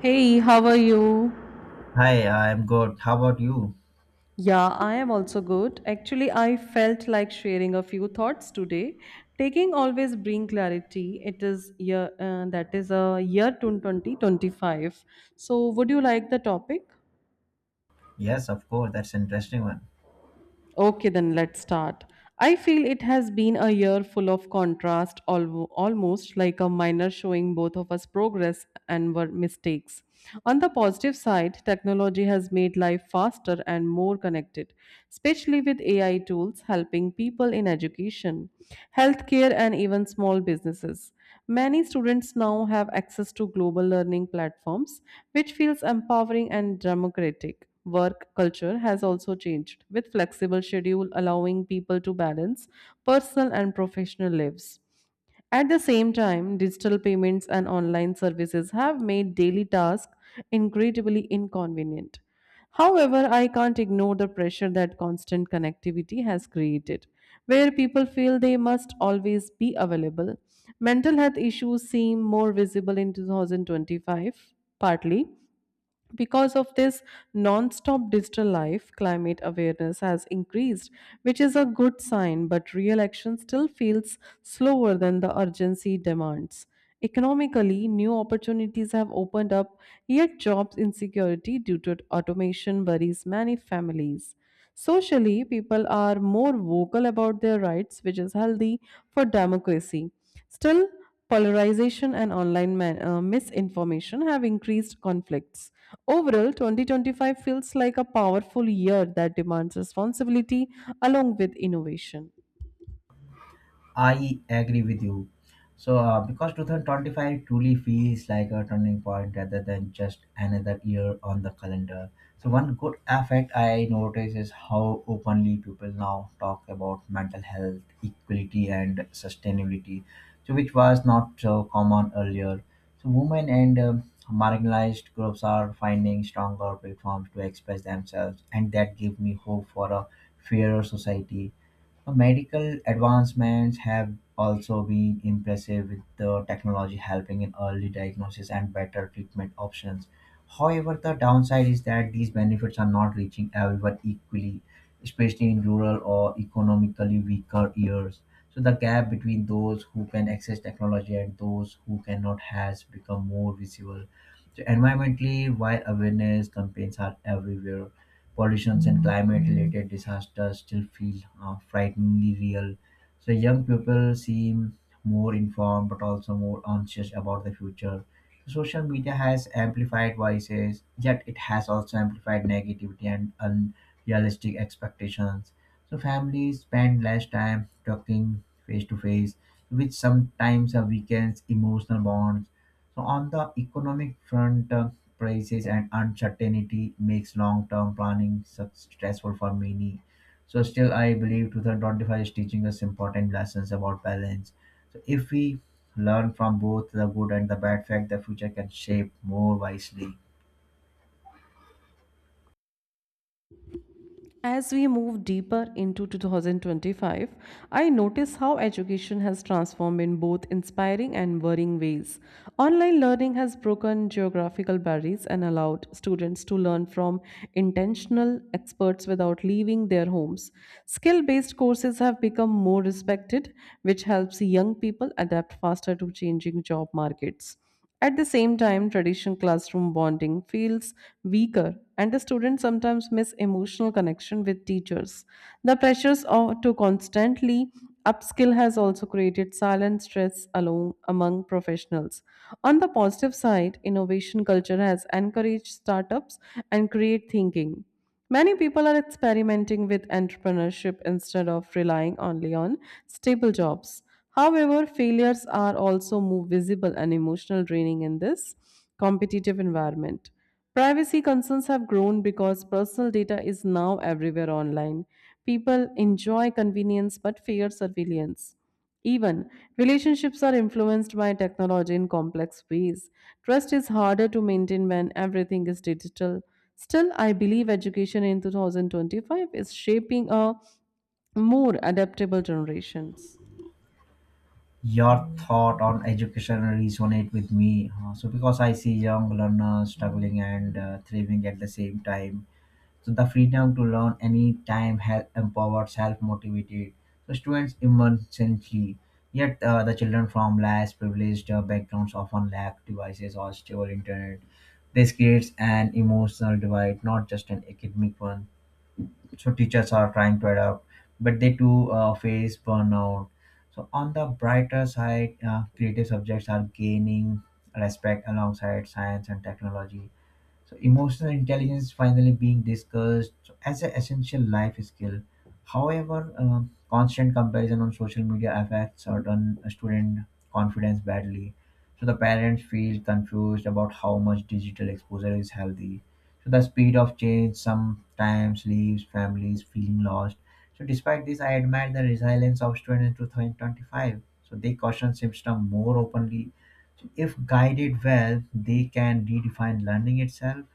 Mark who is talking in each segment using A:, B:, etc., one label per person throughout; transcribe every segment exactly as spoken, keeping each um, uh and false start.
A: Hey, how are you?
B: Hi, I'm good. How about you?
A: Yeah, I am also good. Actually, I felt like sharing a few thoughts today. Taking always bring clarity. It is year uh, that is a year to twenty twenty-five. So, would you like the topic?
B: Yes, of course. That's an interesting one.
A: Okay, then let's start. I feel it has been a year full of contrast, al- almost like a minor showing both of us progress and were mistakes. On the positive side, technology has made life faster and more connected, especially with A I tools helping people in education, healthcare, and even small businesses. Many students now have access to global learning platforms, which feels empowering and democratic work culture has also changed, with flexible schedule allowing people to balance personal and professional lives. At the same time, digital payments and online services have made daily tasks incredibly inconvenient. However, I can't ignore the pressure that constant connectivity has created, where people feel they must always be available. Mental health issues seem more visible in two thousand twenty-five, partly because of this non-stop digital life, climate awareness has increased, which is a good sign, but real action still feels slower than the urgency demands. Economically, new opportunities have opened up, yet jobs insecurity due to automation worries many families. Socially, people are more vocal about their rights, which is healthy for democracy. Still, polarization and online man, uh, misinformation have increased conflicts. Overall, twenty twenty-five feels like a powerful year that demands responsibility along with innovation.
B: I agree with you. So, uh, because two thousand twenty-five truly feels like a turning point rather than just another year on the calendar. So, one good effect I notice is how openly people now talk about mental health, equality, and sustainability, so which was not so common earlier. So, women and um, marginalized groups are finding stronger platforms to express themselves, and that gives me hope for a fairer society. so, Medical advancements have also been impressive, with the technology helping in early diagnosis and better treatment options. However, the downside is that these benefits are not reaching everyone equally, especially in rural or economically weaker areas. So the gap between those who can access technology and those who cannot has become more visible. So environmentally, while awareness campaigns are everywhere, pollutions and climate related disasters still feel uh, frighteningly real. So young people seem more informed but also more anxious about the future. Social media has amplified voices, yet it has also amplified negativity and unrealistic expectations. So families spend less time talking face to face, which sometimes uh, weakens emotional bonds. So on the economic front, uh, prices and uncertainty makes long-term planning su- stressful for many. So still, I believe twenty twenty-five is teaching us important lessons about balance. So if we learn from both the good and the bad fact, the future can shape more wisely.
A: As we move deeper into two thousand twenty-five, I notice how education has transformed in both inspiring and worrying ways. Online learning has broken geographical barriers and allowed students to learn from intentional experts without leaving their homes. Skill based courses have become more respected, which helps young people adapt faster to changing job markets. At the same time, traditional classroom bonding feels weaker, and the students sometimes miss emotional connection with teachers. The pressures of, to constantly upskill has also created silent stress along among professionals. On the positive side, innovation culture has encouraged startups and create thinking. Many people are experimenting with entrepreneurship instead of relying only on stable jobs. However, failures are also more visible and emotional draining in this competitive environment. Privacy concerns have grown because personal data is now everywhere online. People enjoy convenience but fear surveillance. Even relationships are influenced by technology in complex ways. Trust is harder to maintain when everything is digital. Still, I believe education in twenty twenty-five is shaping a more adaptable generations.
B: Your thought on education resonate with me, uh, so because I see young learners struggling and uh, thriving at the same time. So the freedom to learn any time has empowered, self-motivated. So students emergently. Yet uh, the children from less privileged uh, backgrounds often lack devices or stable internet. This creates an emotional divide, not just an academic one. So teachers are trying to adapt, but they too uh, face burnout. So on the brighter side, uh, creative subjects are gaining respect alongside science and technology. So emotional intelligence finally being discussed. So, as an essential life skill. However, uh, constant comparison on social media affects certain student confidence badly. So the parents feel confused about how much digital exposure is healthy. So the speed of change sometimes leaves families feeling lost. So despite this, I admire the resilience of students in twenty twenty-five. So they caution system more openly. If guided well, they can redefine learning itself.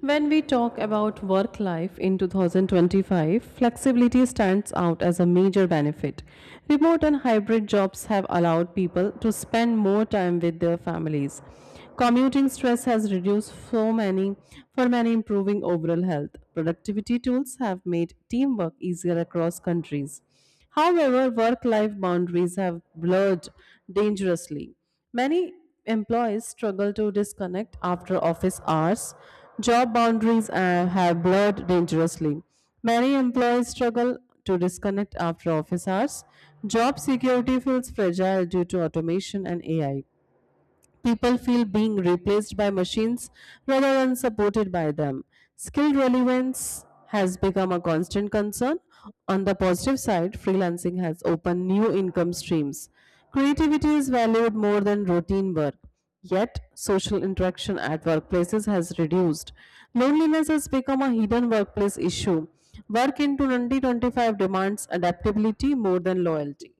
A: When we talk about work life in twenty twenty-five, flexibility stands out as a major benefit. Remote and hybrid jobs have allowed people to spend more time with their families. Commuting stress has reduced so many for many improving overall health. Productivity tools have made teamwork easier across countries. However, work life boundaries have blurred dangerously. Many employees struggle to disconnect after office hours. Job boundaries uh, have blurred dangerously. Many employees struggle to disconnect after office hours. Job security feels fragile due to automation and A I. People feel being replaced by machines rather than supported by them. Skill relevance has become a constant concern. On the positive side, freelancing has opened new income streams. Creativity is valued more than routine work. Yet, social interaction at workplaces has reduced. Loneliness has become a hidden workplace issue. Work in two thousand twenty-five demands adaptability more than loyalty.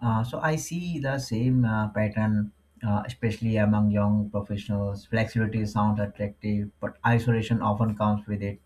B: Uh, so I see the same uh, pattern, uh, especially among young professionals. Flexibility sounds attractive, but isolation often comes with it.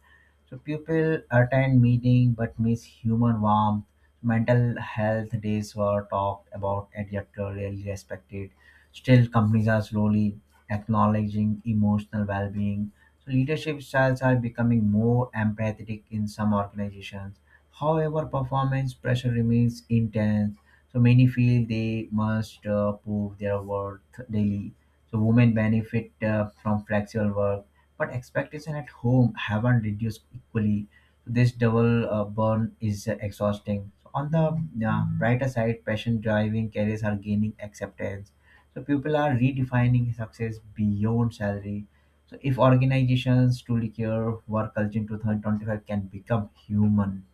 B: So people attend meeting but miss human warmth. Mental health days were talked about and yet rarely respected. Still, companies are slowly acknowledging emotional well-being. So leadership styles are becoming more empathetic in some organizations. However, performance pressure remains intense, so many feel they must uh, prove their worth daily. So women benefit uh, from flexible work, but expectation at home haven't reduced equally. So this double uh, burn is uh, exhausting. So on the uh, brighter side, passion driving careers are gaining acceptance. So people are redefining success beyond salary. So if organizations truly care, work culture in twenty twenty-five can become human,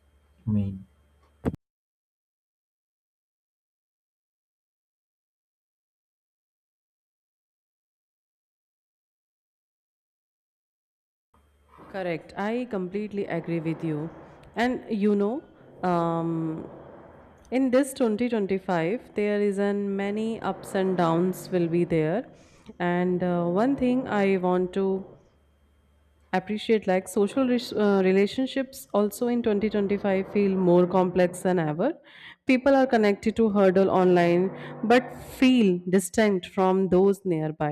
B: humane.
A: Correct. I completely agree with you. And you know, um, in this twenty twenty-five, there is an many ups and downs will be there. And uh, one thing I want to appreciate like social res- uh, relationships also in twenty twenty-five feel more complex than ever people are connected to hurdle online but feel distant from those nearby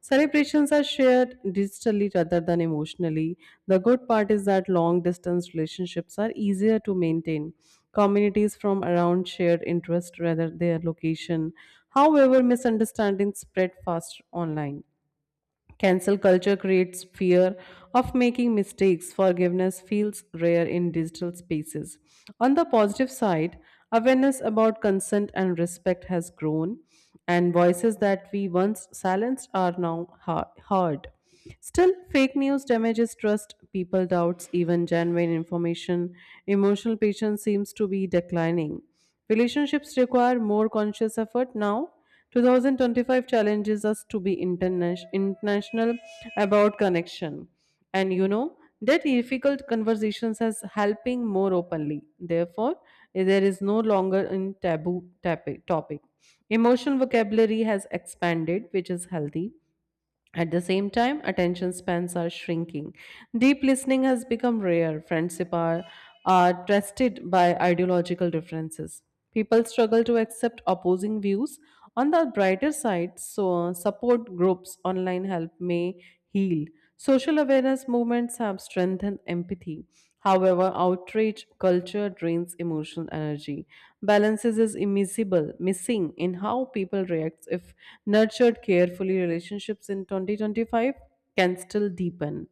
A: celebrations are shared digitally rather than emotionally the good part is that long distance relationships are easier to maintain communities from around shared interest rather their location however misunderstandings spread fast online. Cancel culture creates fear of making mistakes. Forgiveness feels rare in digital spaces. On the positive side, awareness about consent and respect has grown, and voices that we once silenced are now ha- heard. Still, fake news damages trust, people doubts even genuine information. Emotional patience seems to be declining. Relationships require more conscious effort now. twenty twenty-five challenges us to be interna- international about connection. And you know, that difficult conversations as helping more openly. Therefore, there is no longer in taboo tapi- topic. Emotional vocabulary has expanded, which is healthy. At the same time, attention spans are shrinking. Deep listening has become rare. Friendship are, are tested by ideological differences. People struggle to accept opposing views. On the brighter side, so support groups online help may heal. Social awareness movements have strengthened empathy. However, outrage culture drains emotional energy. Balances is immiscible, missing in how people react. If nurtured carefully, relationships in twenty twenty-five can still deepen.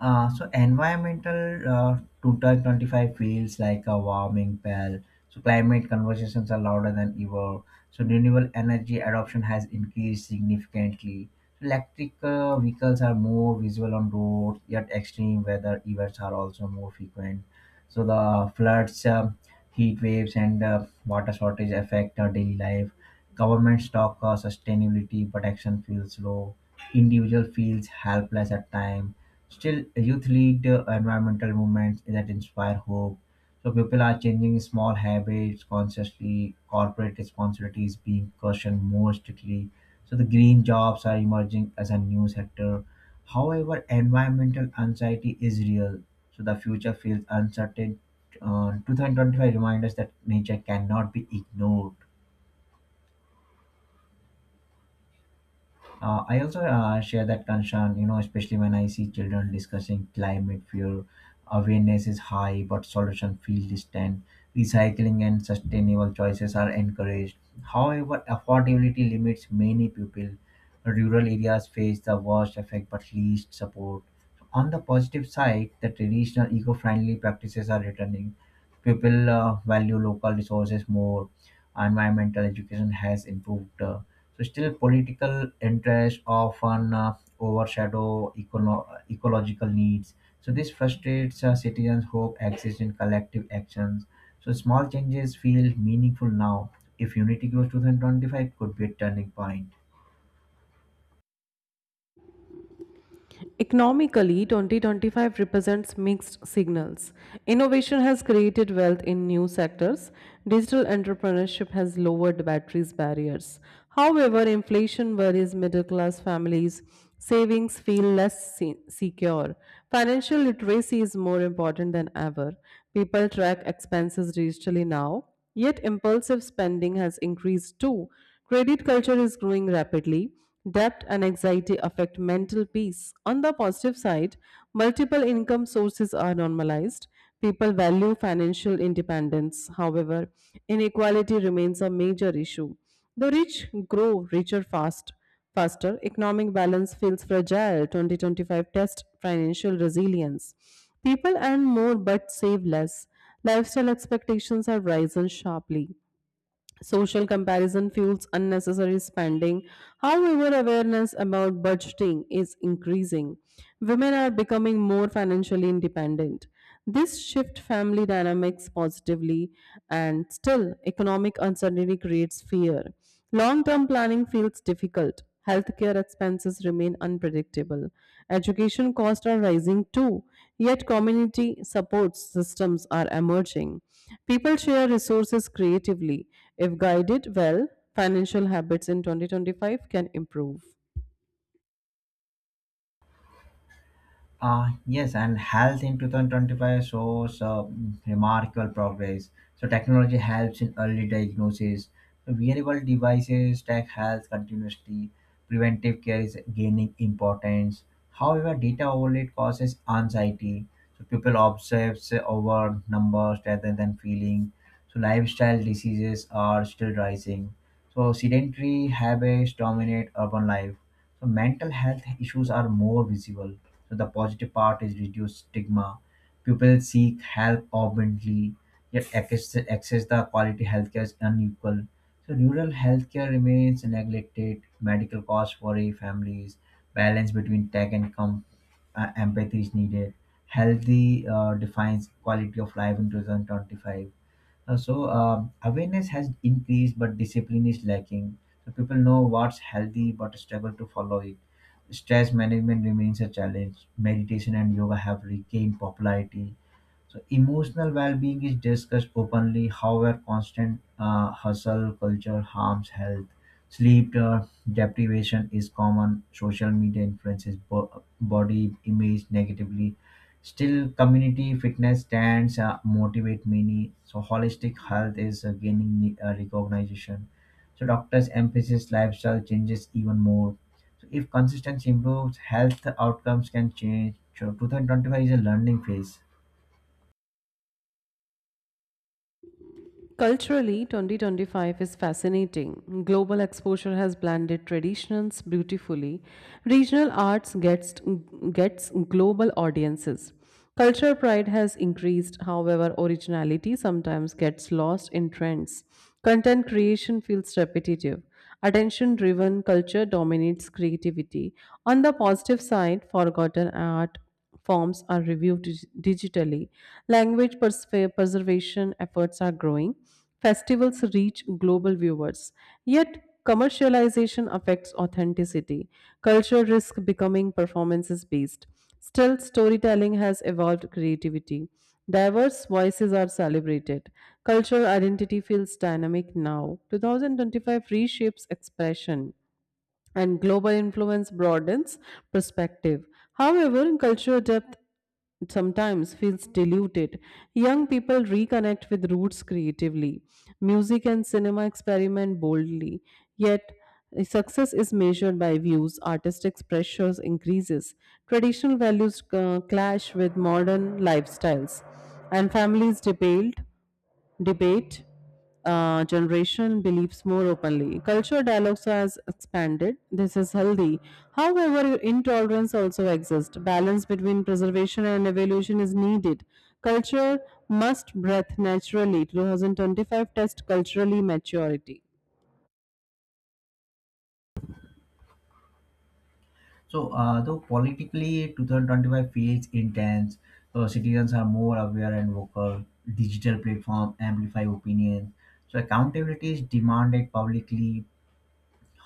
B: Uh, so environmental uh, total twenty-five feels like a warming bell. So climate conversations are louder than ever. So renewable energy adoption has increased significantly. Electric uh, vehicles are more visible on roads, yet extreme weather events are also more frequent. So the floods, uh, heat waves, and uh, water shortage affect our daily life. Governments talk uh, sustainability, but action feels low. Individual feels helpless at times. Still, youth lead uh, environmental movements that inspire hope. So people are changing small habits consciously. Corporate responsibility is being questioned more strictly. So the green jobs are emerging as a new sector. However, environmental anxiety is real. So the future feels uncertain. uh, twenty twenty-five reminds us that nature cannot be ignored. Uh, I also uh, share that concern, you know, especially when I see children discussing climate fear. Awareness is high, but solution feel distant. Recycling and sustainable choices are encouraged. However, affordability limits many people. Rural areas face the worst effect, but least support. On the positive side, the traditional eco-friendly practices are returning. People uh, value local resources more. Environmental education has improved uh, So still political interests often uh, overshadow econo- ecological needs. So this frustrates uh, citizens. Hope exists in collective actions. So small changes feel meaningful now. If unity grows, two thousand twenty-five could be a turning point.
A: Economically, twenty twenty-five represents mixed signals. Innovation has created wealth in new sectors. Digital entrepreneurship has lowered batteries barriers. However, inflation worries middle class families. Savings feel less se- secure. Financial literacy is more important than ever. People track expenses digitally now, yet impulsive spending has increased too. Credit culture is growing rapidly. Debt and anxiety affect mental peace. On the positive side, multiple income sources are normalized. People value financial independence. However, inequality remains a major issue. The rich grow richer fast, faster. Economic balance feels fragile. twenty twenty-five test financial resilience. People earn more but save less. Lifestyle expectations have risen sharply. Social comparison fuels unnecessary spending. However, awareness about budgeting is increasing. Women are becoming more financially independent. This shift family dynamics positively, and still, economic uncertainty creates fear. Long term planning feels difficult. Healthcare expenses remain unpredictable. Education costs are rising too, yet community support systems are emerging. People share resources creatively. If guided well, financial habits in twenty twenty-five can improve.
B: Uh, yes, and health in twenty twenty-five shows uh, remarkable progress. So technology helps in early diagnosis. Wearable devices track health continuously. Preventive care is gaining importance. However, data overload causes anxiety. So people obsess over numbers rather than feeling. So lifestyle diseases are still rising. So sedentary habits dominate urban life. So mental health issues are more visible. So the positive part is reduced stigma. People seek help abundantly, yet access, access the quality healthcare is unequal. So rural healthcare remains neglected. Medical costs worry families. Balance between tech and com- uh, empathy is needed. Healthy uh, defines quality of life in two thousand twenty-five. Uh, so um, awareness has increased, but discipline is lacking. So people know what's healthy, but struggle to follow it. Stress management remains a challenge. Meditation and yoga have regained popularity, so emotional well-being is discussed openly. However, constant uh, hustle culture harms health. Sleep uh, deprivation is common. Social media influences bo- body image negatively. Still, community fitness stands uh, motivate many. So holistic health is uh, gaining uh, recognition. So doctors emphasize lifestyle changes even more. So if consistency improves, health outcomes can change. So twenty twenty-five is a learning phase.
A: Culturally, twenty twenty-five is fascinating. Global exposure has blended traditions beautifully. Regional arts gets, gets global audiences. Cultural pride has increased, however, originality sometimes gets lost in trends. Content creation feels repetitive. Attention driven culture dominates creativity. On the positive side, forgotten art forms are reviewed dig- digitally. Language pers- preservation efforts are growing. Festivals reach global viewers. Yet, commercialization affects authenticity. Culture risks becoming performances based. Still, storytelling has evolved creativity. Diverse voices are celebrated. Cultural identity feels dynamic now. twenty twenty-five reshapes expression and global influence broadens perspective. However, cultural depth sometimes feels diluted. Young people reconnect with roots creatively. Music and cinema experiment boldly. Yet, success is measured by views. Artistic pressures increases. Traditional values uh, clash with modern lifestyles, and families debate debate uh, generation beliefs more openly. Culture dialogues has expanded. This is healthy. However, intolerance also exists. Balance between preservation and evolution is needed. Culture must breathe naturally. twenty twenty-five test culturally maturity.
B: So, uh, though politically twenty twenty-five feels intense, so citizens are more aware and vocal. Digital platform amplify opinions. So, accountability is demanded publicly.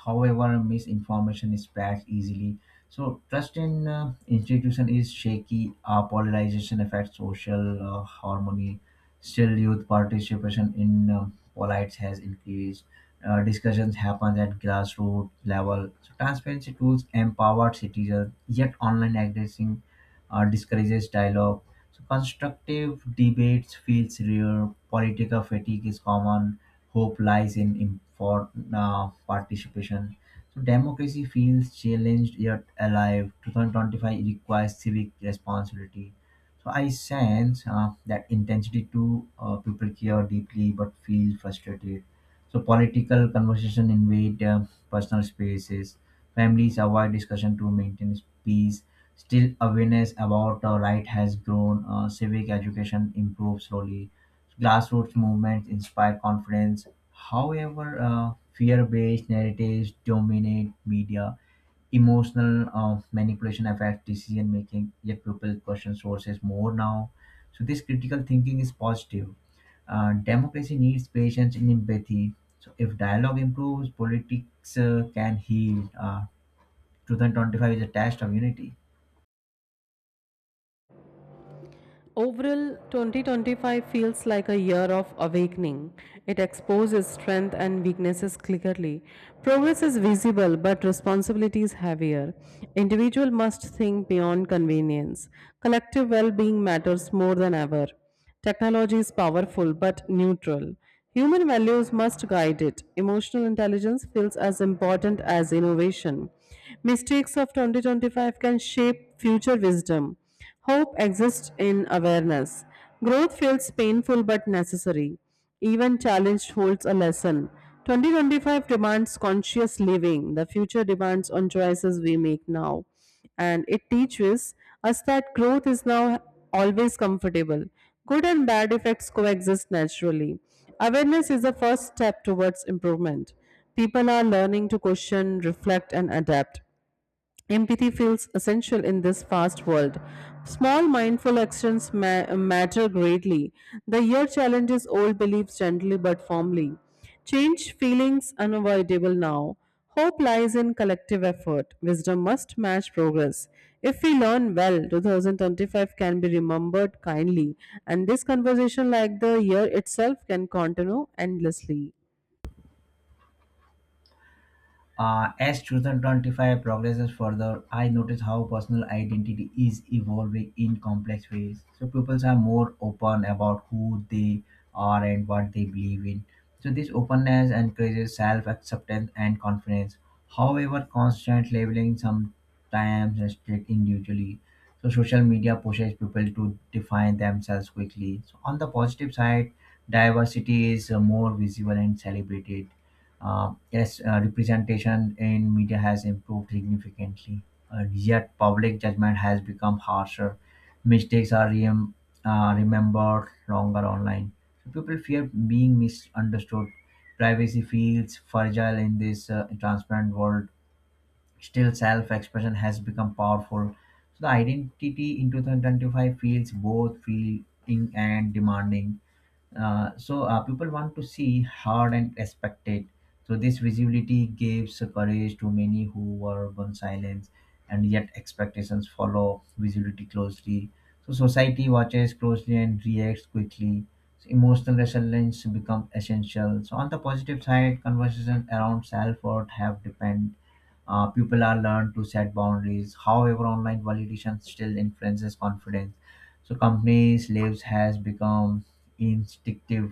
B: However, misinformation spreads easily. So trust in uh, institution is shaky. Uh, polarization affects social uh, harmony. Still, youth participation in uh, politics has increased. Uh, discussions happen at grassroots level. So transparency tools empower citizens. Yet online aggression uh, discourages dialogue. So constructive debates feels rare. Political fatigue is common. Hope lies in informal participation. So democracy feels challenged yet alive. twenty twenty-five requires civic responsibility. So I sense uh, that intensity too. Uh, people care deeply but feel frustrated. So political conversation invade uh, personal spaces. Families avoid discussion to maintain peace. Still, awareness about uh, right has grown. Uh, civic education improves slowly. Grassroots movements inspire confidence. However, uh, fear-based narratives dominate media. Emotional uh, manipulation affects decision making. Yet people question sources more now. So this critical thinking is positive. Uh, democracy needs patience and empathy. So if dialogue improves, politics uh, can heal. Uh, two thousand twenty-five is a test of unity.
A: Overall, twenty twenty-five feels like a year of awakening. It exposes strength and weaknesses clearly. Progress is visible, but responsibility is heavier. Individual must think beyond convenience. Collective well-being matters more than ever. Technology is powerful but neutral. Human values must guide it. Emotional intelligence feels as important as innovation. Mistakes of twenty twenty-five can shape future wisdom. Hope exists in awareness. Growth feels painful but necessary. Even challenge holds a lesson. twenty twenty-five demands conscious living. The future demands on choices we make now and it teaches us that growth is now always comfortable. Good and bad effects coexist naturally. Awareness is the first step towards improvement. People are learning to question, reflect, and adapt. Empathy feels essential in this fast world. Small mindful actions ma- matter greatly. The year challenges old beliefs gently but firmly. Change feelings unavoidable now. Hope lies in collective effort. Wisdom must match progress. If we learn well, twenty twenty-five can be remembered kindly, and this conversation, like the year itself, can continue endlessly.
B: Uh, as twenty twenty-five progresses further, I notice how personal identity is evolving in complex ways. So pupils are more open about who they are and what they believe in. So this openness encourages self-acceptance and confidence. However, constant labeling sometimes restricts individually. So social media pushes people to define themselves quickly. So on the positive side, diversity is uh, more visible and celebrated. Uh, yes, uh, representation in media has improved significantly, uh, yet public judgment has become harsher. Mistakes are rem- uh, remembered longer online. So people fear being misunderstood. Privacy feels fragile in this uh, transparent world. Still, self expression has become powerful. So, the identity in two thousand twenty-five feels both freeing and demanding. Uh, so uh, people want to see heard and respected. So this visibility gives courage to many who were on silence, and yet expectations follow visibility closely. So society watches closely and reacts quickly. So emotional resilience become essential. So on the positive side, conversations around self-worth have depend. Uh, people are learned to set boundaries. However, online validation still influences confidence. So companies lives has become instinctive.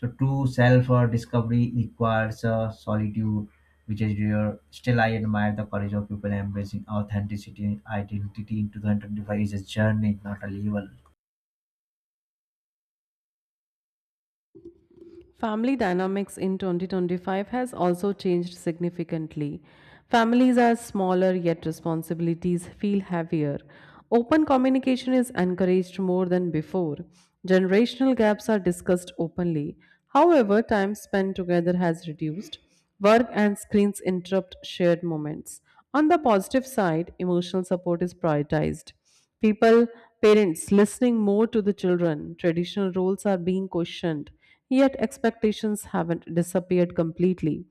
B: So true self uh, discovery requires uh, solitude, which is rare. Still, I admire the courage of people embracing authenticity, and identity in twenty twenty-five is a journey, not a level.
A: Family dynamics in twenty twenty-five has also changed significantly. Families are smaller, yet responsibilities feel heavier. Open communication is encouraged more than before. Generational gaps are discussed openly. However, time spent together has reduced. Work and screens interrupt shared moments. On the positive side, emotional support is prioritized. People, parents listening more to the children. Traditional roles are being questioned, yet expectations haven't disappeared completely.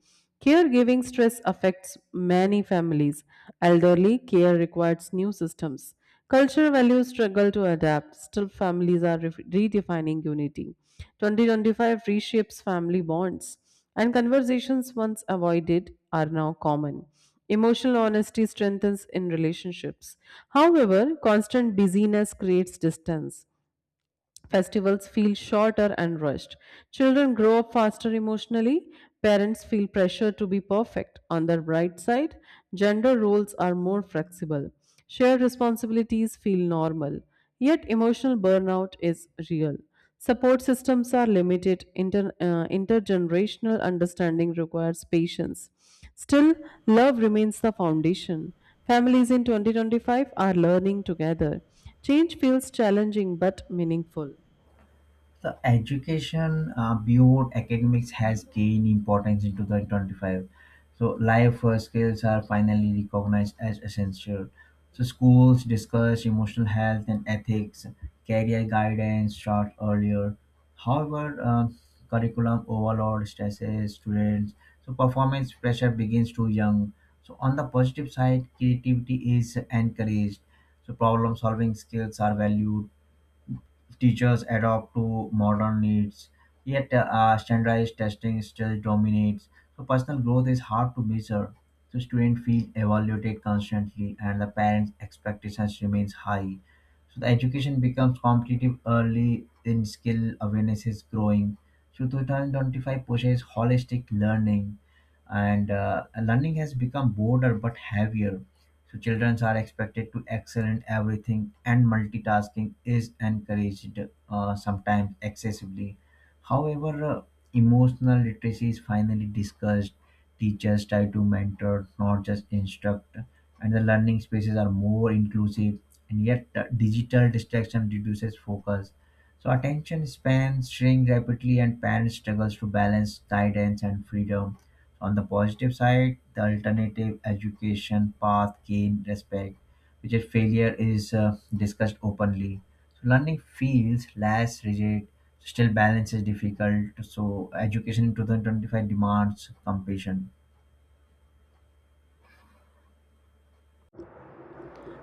A: Caregiving stress affects many families. Elderly care requires new systems. Cultural values struggle to adapt. Still, families are re- redefining unity. twenty twenty-five reshapes family bonds, and conversations once avoided are now common. Emotional honesty strengthens in relationships. However, constant busyness creates distance. Festivals feel shorter and rushed. Children grow up faster emotionally. Parents feel pressure to be perfect. On the bright side, gender roles are more flexible. Shared responsibilities feel normal. Yet, emotional burnout is real. Support systems are limited. Inter, uh, intergenerational understanding requires patience. Still, love remains the foundation. Families in twenty twenty-five are learning together. Change feels challenging but meaningful.
B: The education uh, beyond academics has gained importance in twenty twenty-five. So life uh, skills are finally recognized as essential. So schools discuss emotional health and ethics. Career guidance start earlier. However uh, curriculum overload stresses students. So performance pressure begins too young. So on the positive side, creativity is encouraged. So problem solving skills are valued. Teachers adapt to modern needs, yet uh, standardized testing still dominates. So personal growth is hard to measure. So students feel evaluated constantly, and the parents' expectations remains high. So the education becomes competitive early, in skill awareness is growing. So two thousand twenty-five pushes holistic learning, and uh, learning has become broader but heavier. So children are expected to excel in everything, and multitasking is encouraged, uh, sometimes excessively. However, uh, emotional literacy is finally discussed. Teachers try to mentor, not just instruct, and the learning spaces are more inclusive. And yet, uh, digital distraction reduces focus. So attention spans shrink rapidly, and parents struggles to balance guidance and freedom. On the positive side, the alternative education path gained respect, which at failure is uh, discussed openly. So learning feels less rigid, still balance is difficult. So education in twenty twenty-five demands compassion.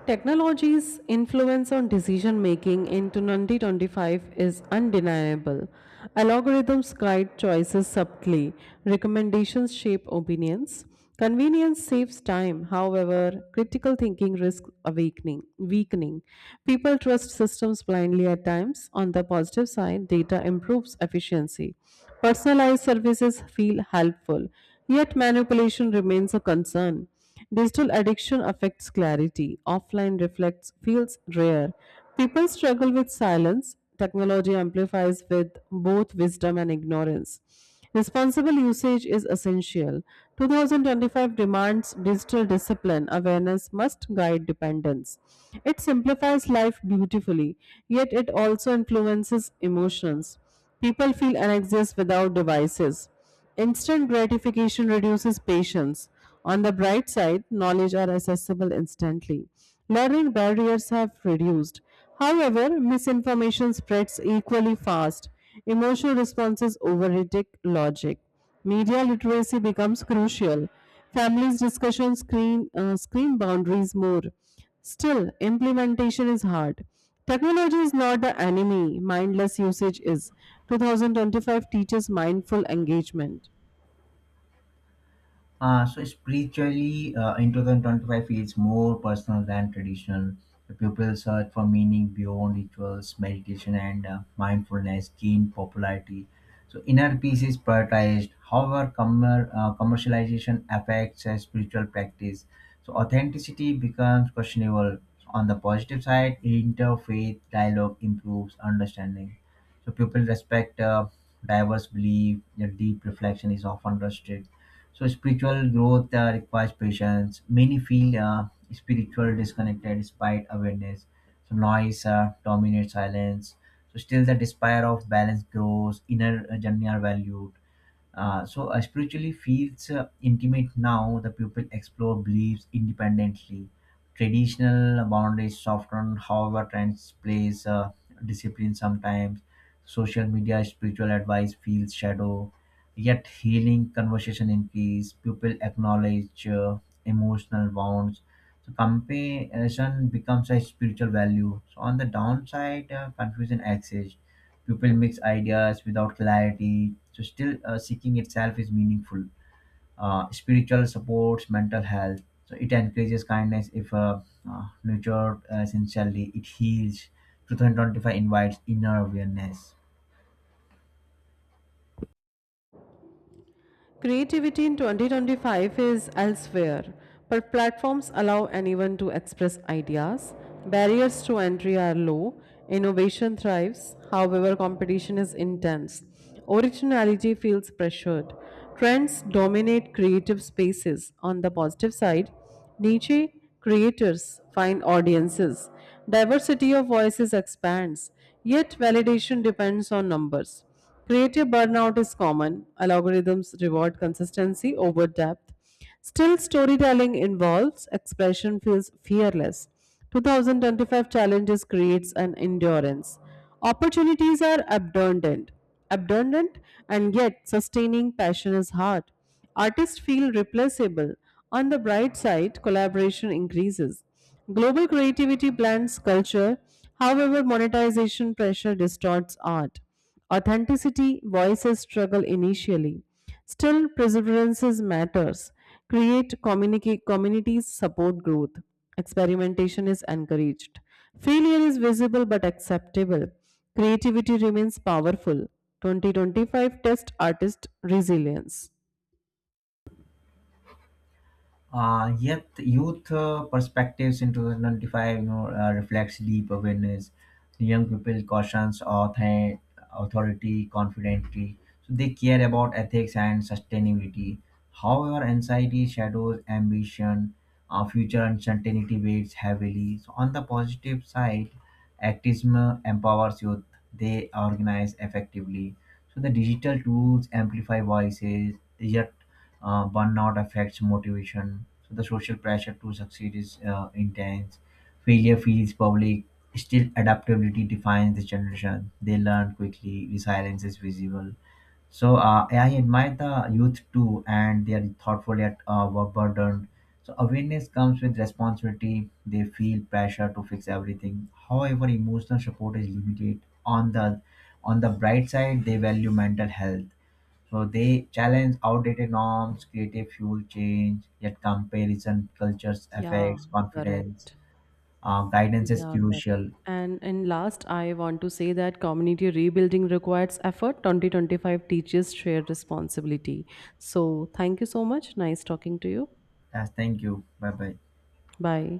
A: Technology's influence on decision making in twenty twenty-five is undeniable. Algorithms guide choices subtly, recommendations shape opinions. Convenience saves time, however, critical thinking risks awakening, weakening. People trust systems blindly at times. On the positive side, data improves efficiency. Personalized services feel helpful, yet manipulation remains a concern. Digital addiction affects clarity. Offline reflects feels rare. People struggle with silence. Technology amplifies with both wisdom and ignorance. Responsible usage is essential. twenty twenty-five demands digital discipline. Awareness must guide dependence. It simplifies life beautifully, yet it also influences emotions. People feel an exist without devices. Instant gratification reduces patience. On the bright side, knowledge are accessible instantly. Learning barriers have reduced. However, misinformation spreads equally fast. Emotional responses overtake logic. Media literacy becomes crucial. Families discussion screen uh, screen boundaries more. Still, implementation is hard. Technology is not the enemy, mindless usage is. twenty twenty-five teaches mindful engagement.
B: Uh, so spiritually, uh, in twenty twenty-five feels more personal than traditional. The people search for meaning beyond rituals, meditation, and uh, mindfulness gain popularity. So inner peace is prioritized. However, commer- uh, commercialization affects uh, spiritual practice. So authenticity becomes questionable. On the positive side, interfaith dialogue improves understanding. So people respect uh, diverse belief. Their deep reflection is often trusted. So spiritual growth uh, requires patience. Many feel uh, spiritual disconnected despite awareness. So noise uh, dominates silence. So still the desire of balance grows. Inner uh, journey are valued. Uh, so uh, spiritually feels uh, intimate now. The pupil explore beliefs independently. Traditional boundaries soften, however, trends plays uh, discipline sometimes. Social media spiritual advice feels shadow. Yet healing conversation increase. Pupil acknowledge uh, emotional wounds. So comparison becomes a spiritual value. So on the downside, uh, confusion exists. People mix ideas without clarity, so still uh, seeking itself is meaningful. Uh, spiritual supports mental health, so it encourages kindness if uh, uh, nurtured uh, sincerely. It heals. two thousand twenty-five invites inner awareness.
A: Creativity in twenty twenty-five is elsewhere, but platforms allow anyone to express ideas. Barriers to entry are low, innovation thrives, however, competition is intense. Originality feels pressured. Trends dominate creative spaces. On the positive side, niche creators find audiences. Diversity of voices expands, yet validation depends on numbers. Creative burnout is common. Algorithms reward consistency over depth. Still, storytelling involves expression feels fearless. two thousand twenty-five challenges creates an endurance. Opportunities are abundant, abundant, and yet sustaining passion is hard. Artists feel replaceable. On the bright side, collaboration increases. Global creativity blends culture, however, monetization pressure distorts art. Authenticity voices struggle initially. Still, perseverance matters. Create communica- communities support growth. Experimentation is encouraged. Failure is visible but acceptable. Creativity remains powerful. twenty twenty-five test artist resilience.
B: Uh, yet youth uh, perspectives in twenty twenty-five, you know, uh, reflects deep awareness. Young people cautions author- authority, confidently. So they care about ethics and sustainability. However, anxiety shadows ambition. Uh, future uncertainty weighs heavily. So on the positive side, activism empowers youth. They organize effectively. So the digital tools amplify voices. Yet uh, burnout affects motivation. So the social pressure to succeed is uh, intense. Failure feels public. Still, adaptability defines this generation. They learn quickly. Resilience is visible. So uh, I admire the youth too, and they are thoughtful yet uh, were burdened. So awareness comes with responsibility. They feel pressure to fix everything. However, emotional support is limited. On the on the bright side, they value mental health. So they challenge outdated norms, creative fuel change, yet comparison cultures
A: Yeah,
B: affects confidence.
A: correct.
B: Uh, guidance is
A: Yeah, correct.
B: crucial.
A: And in last, I want to say that community rebuilding requires effort. twenty twenty-five teaches shared responsibility. So thank you so much. Nice talking to you.
B: Yes, thank you. Bye bye.
A: Bye.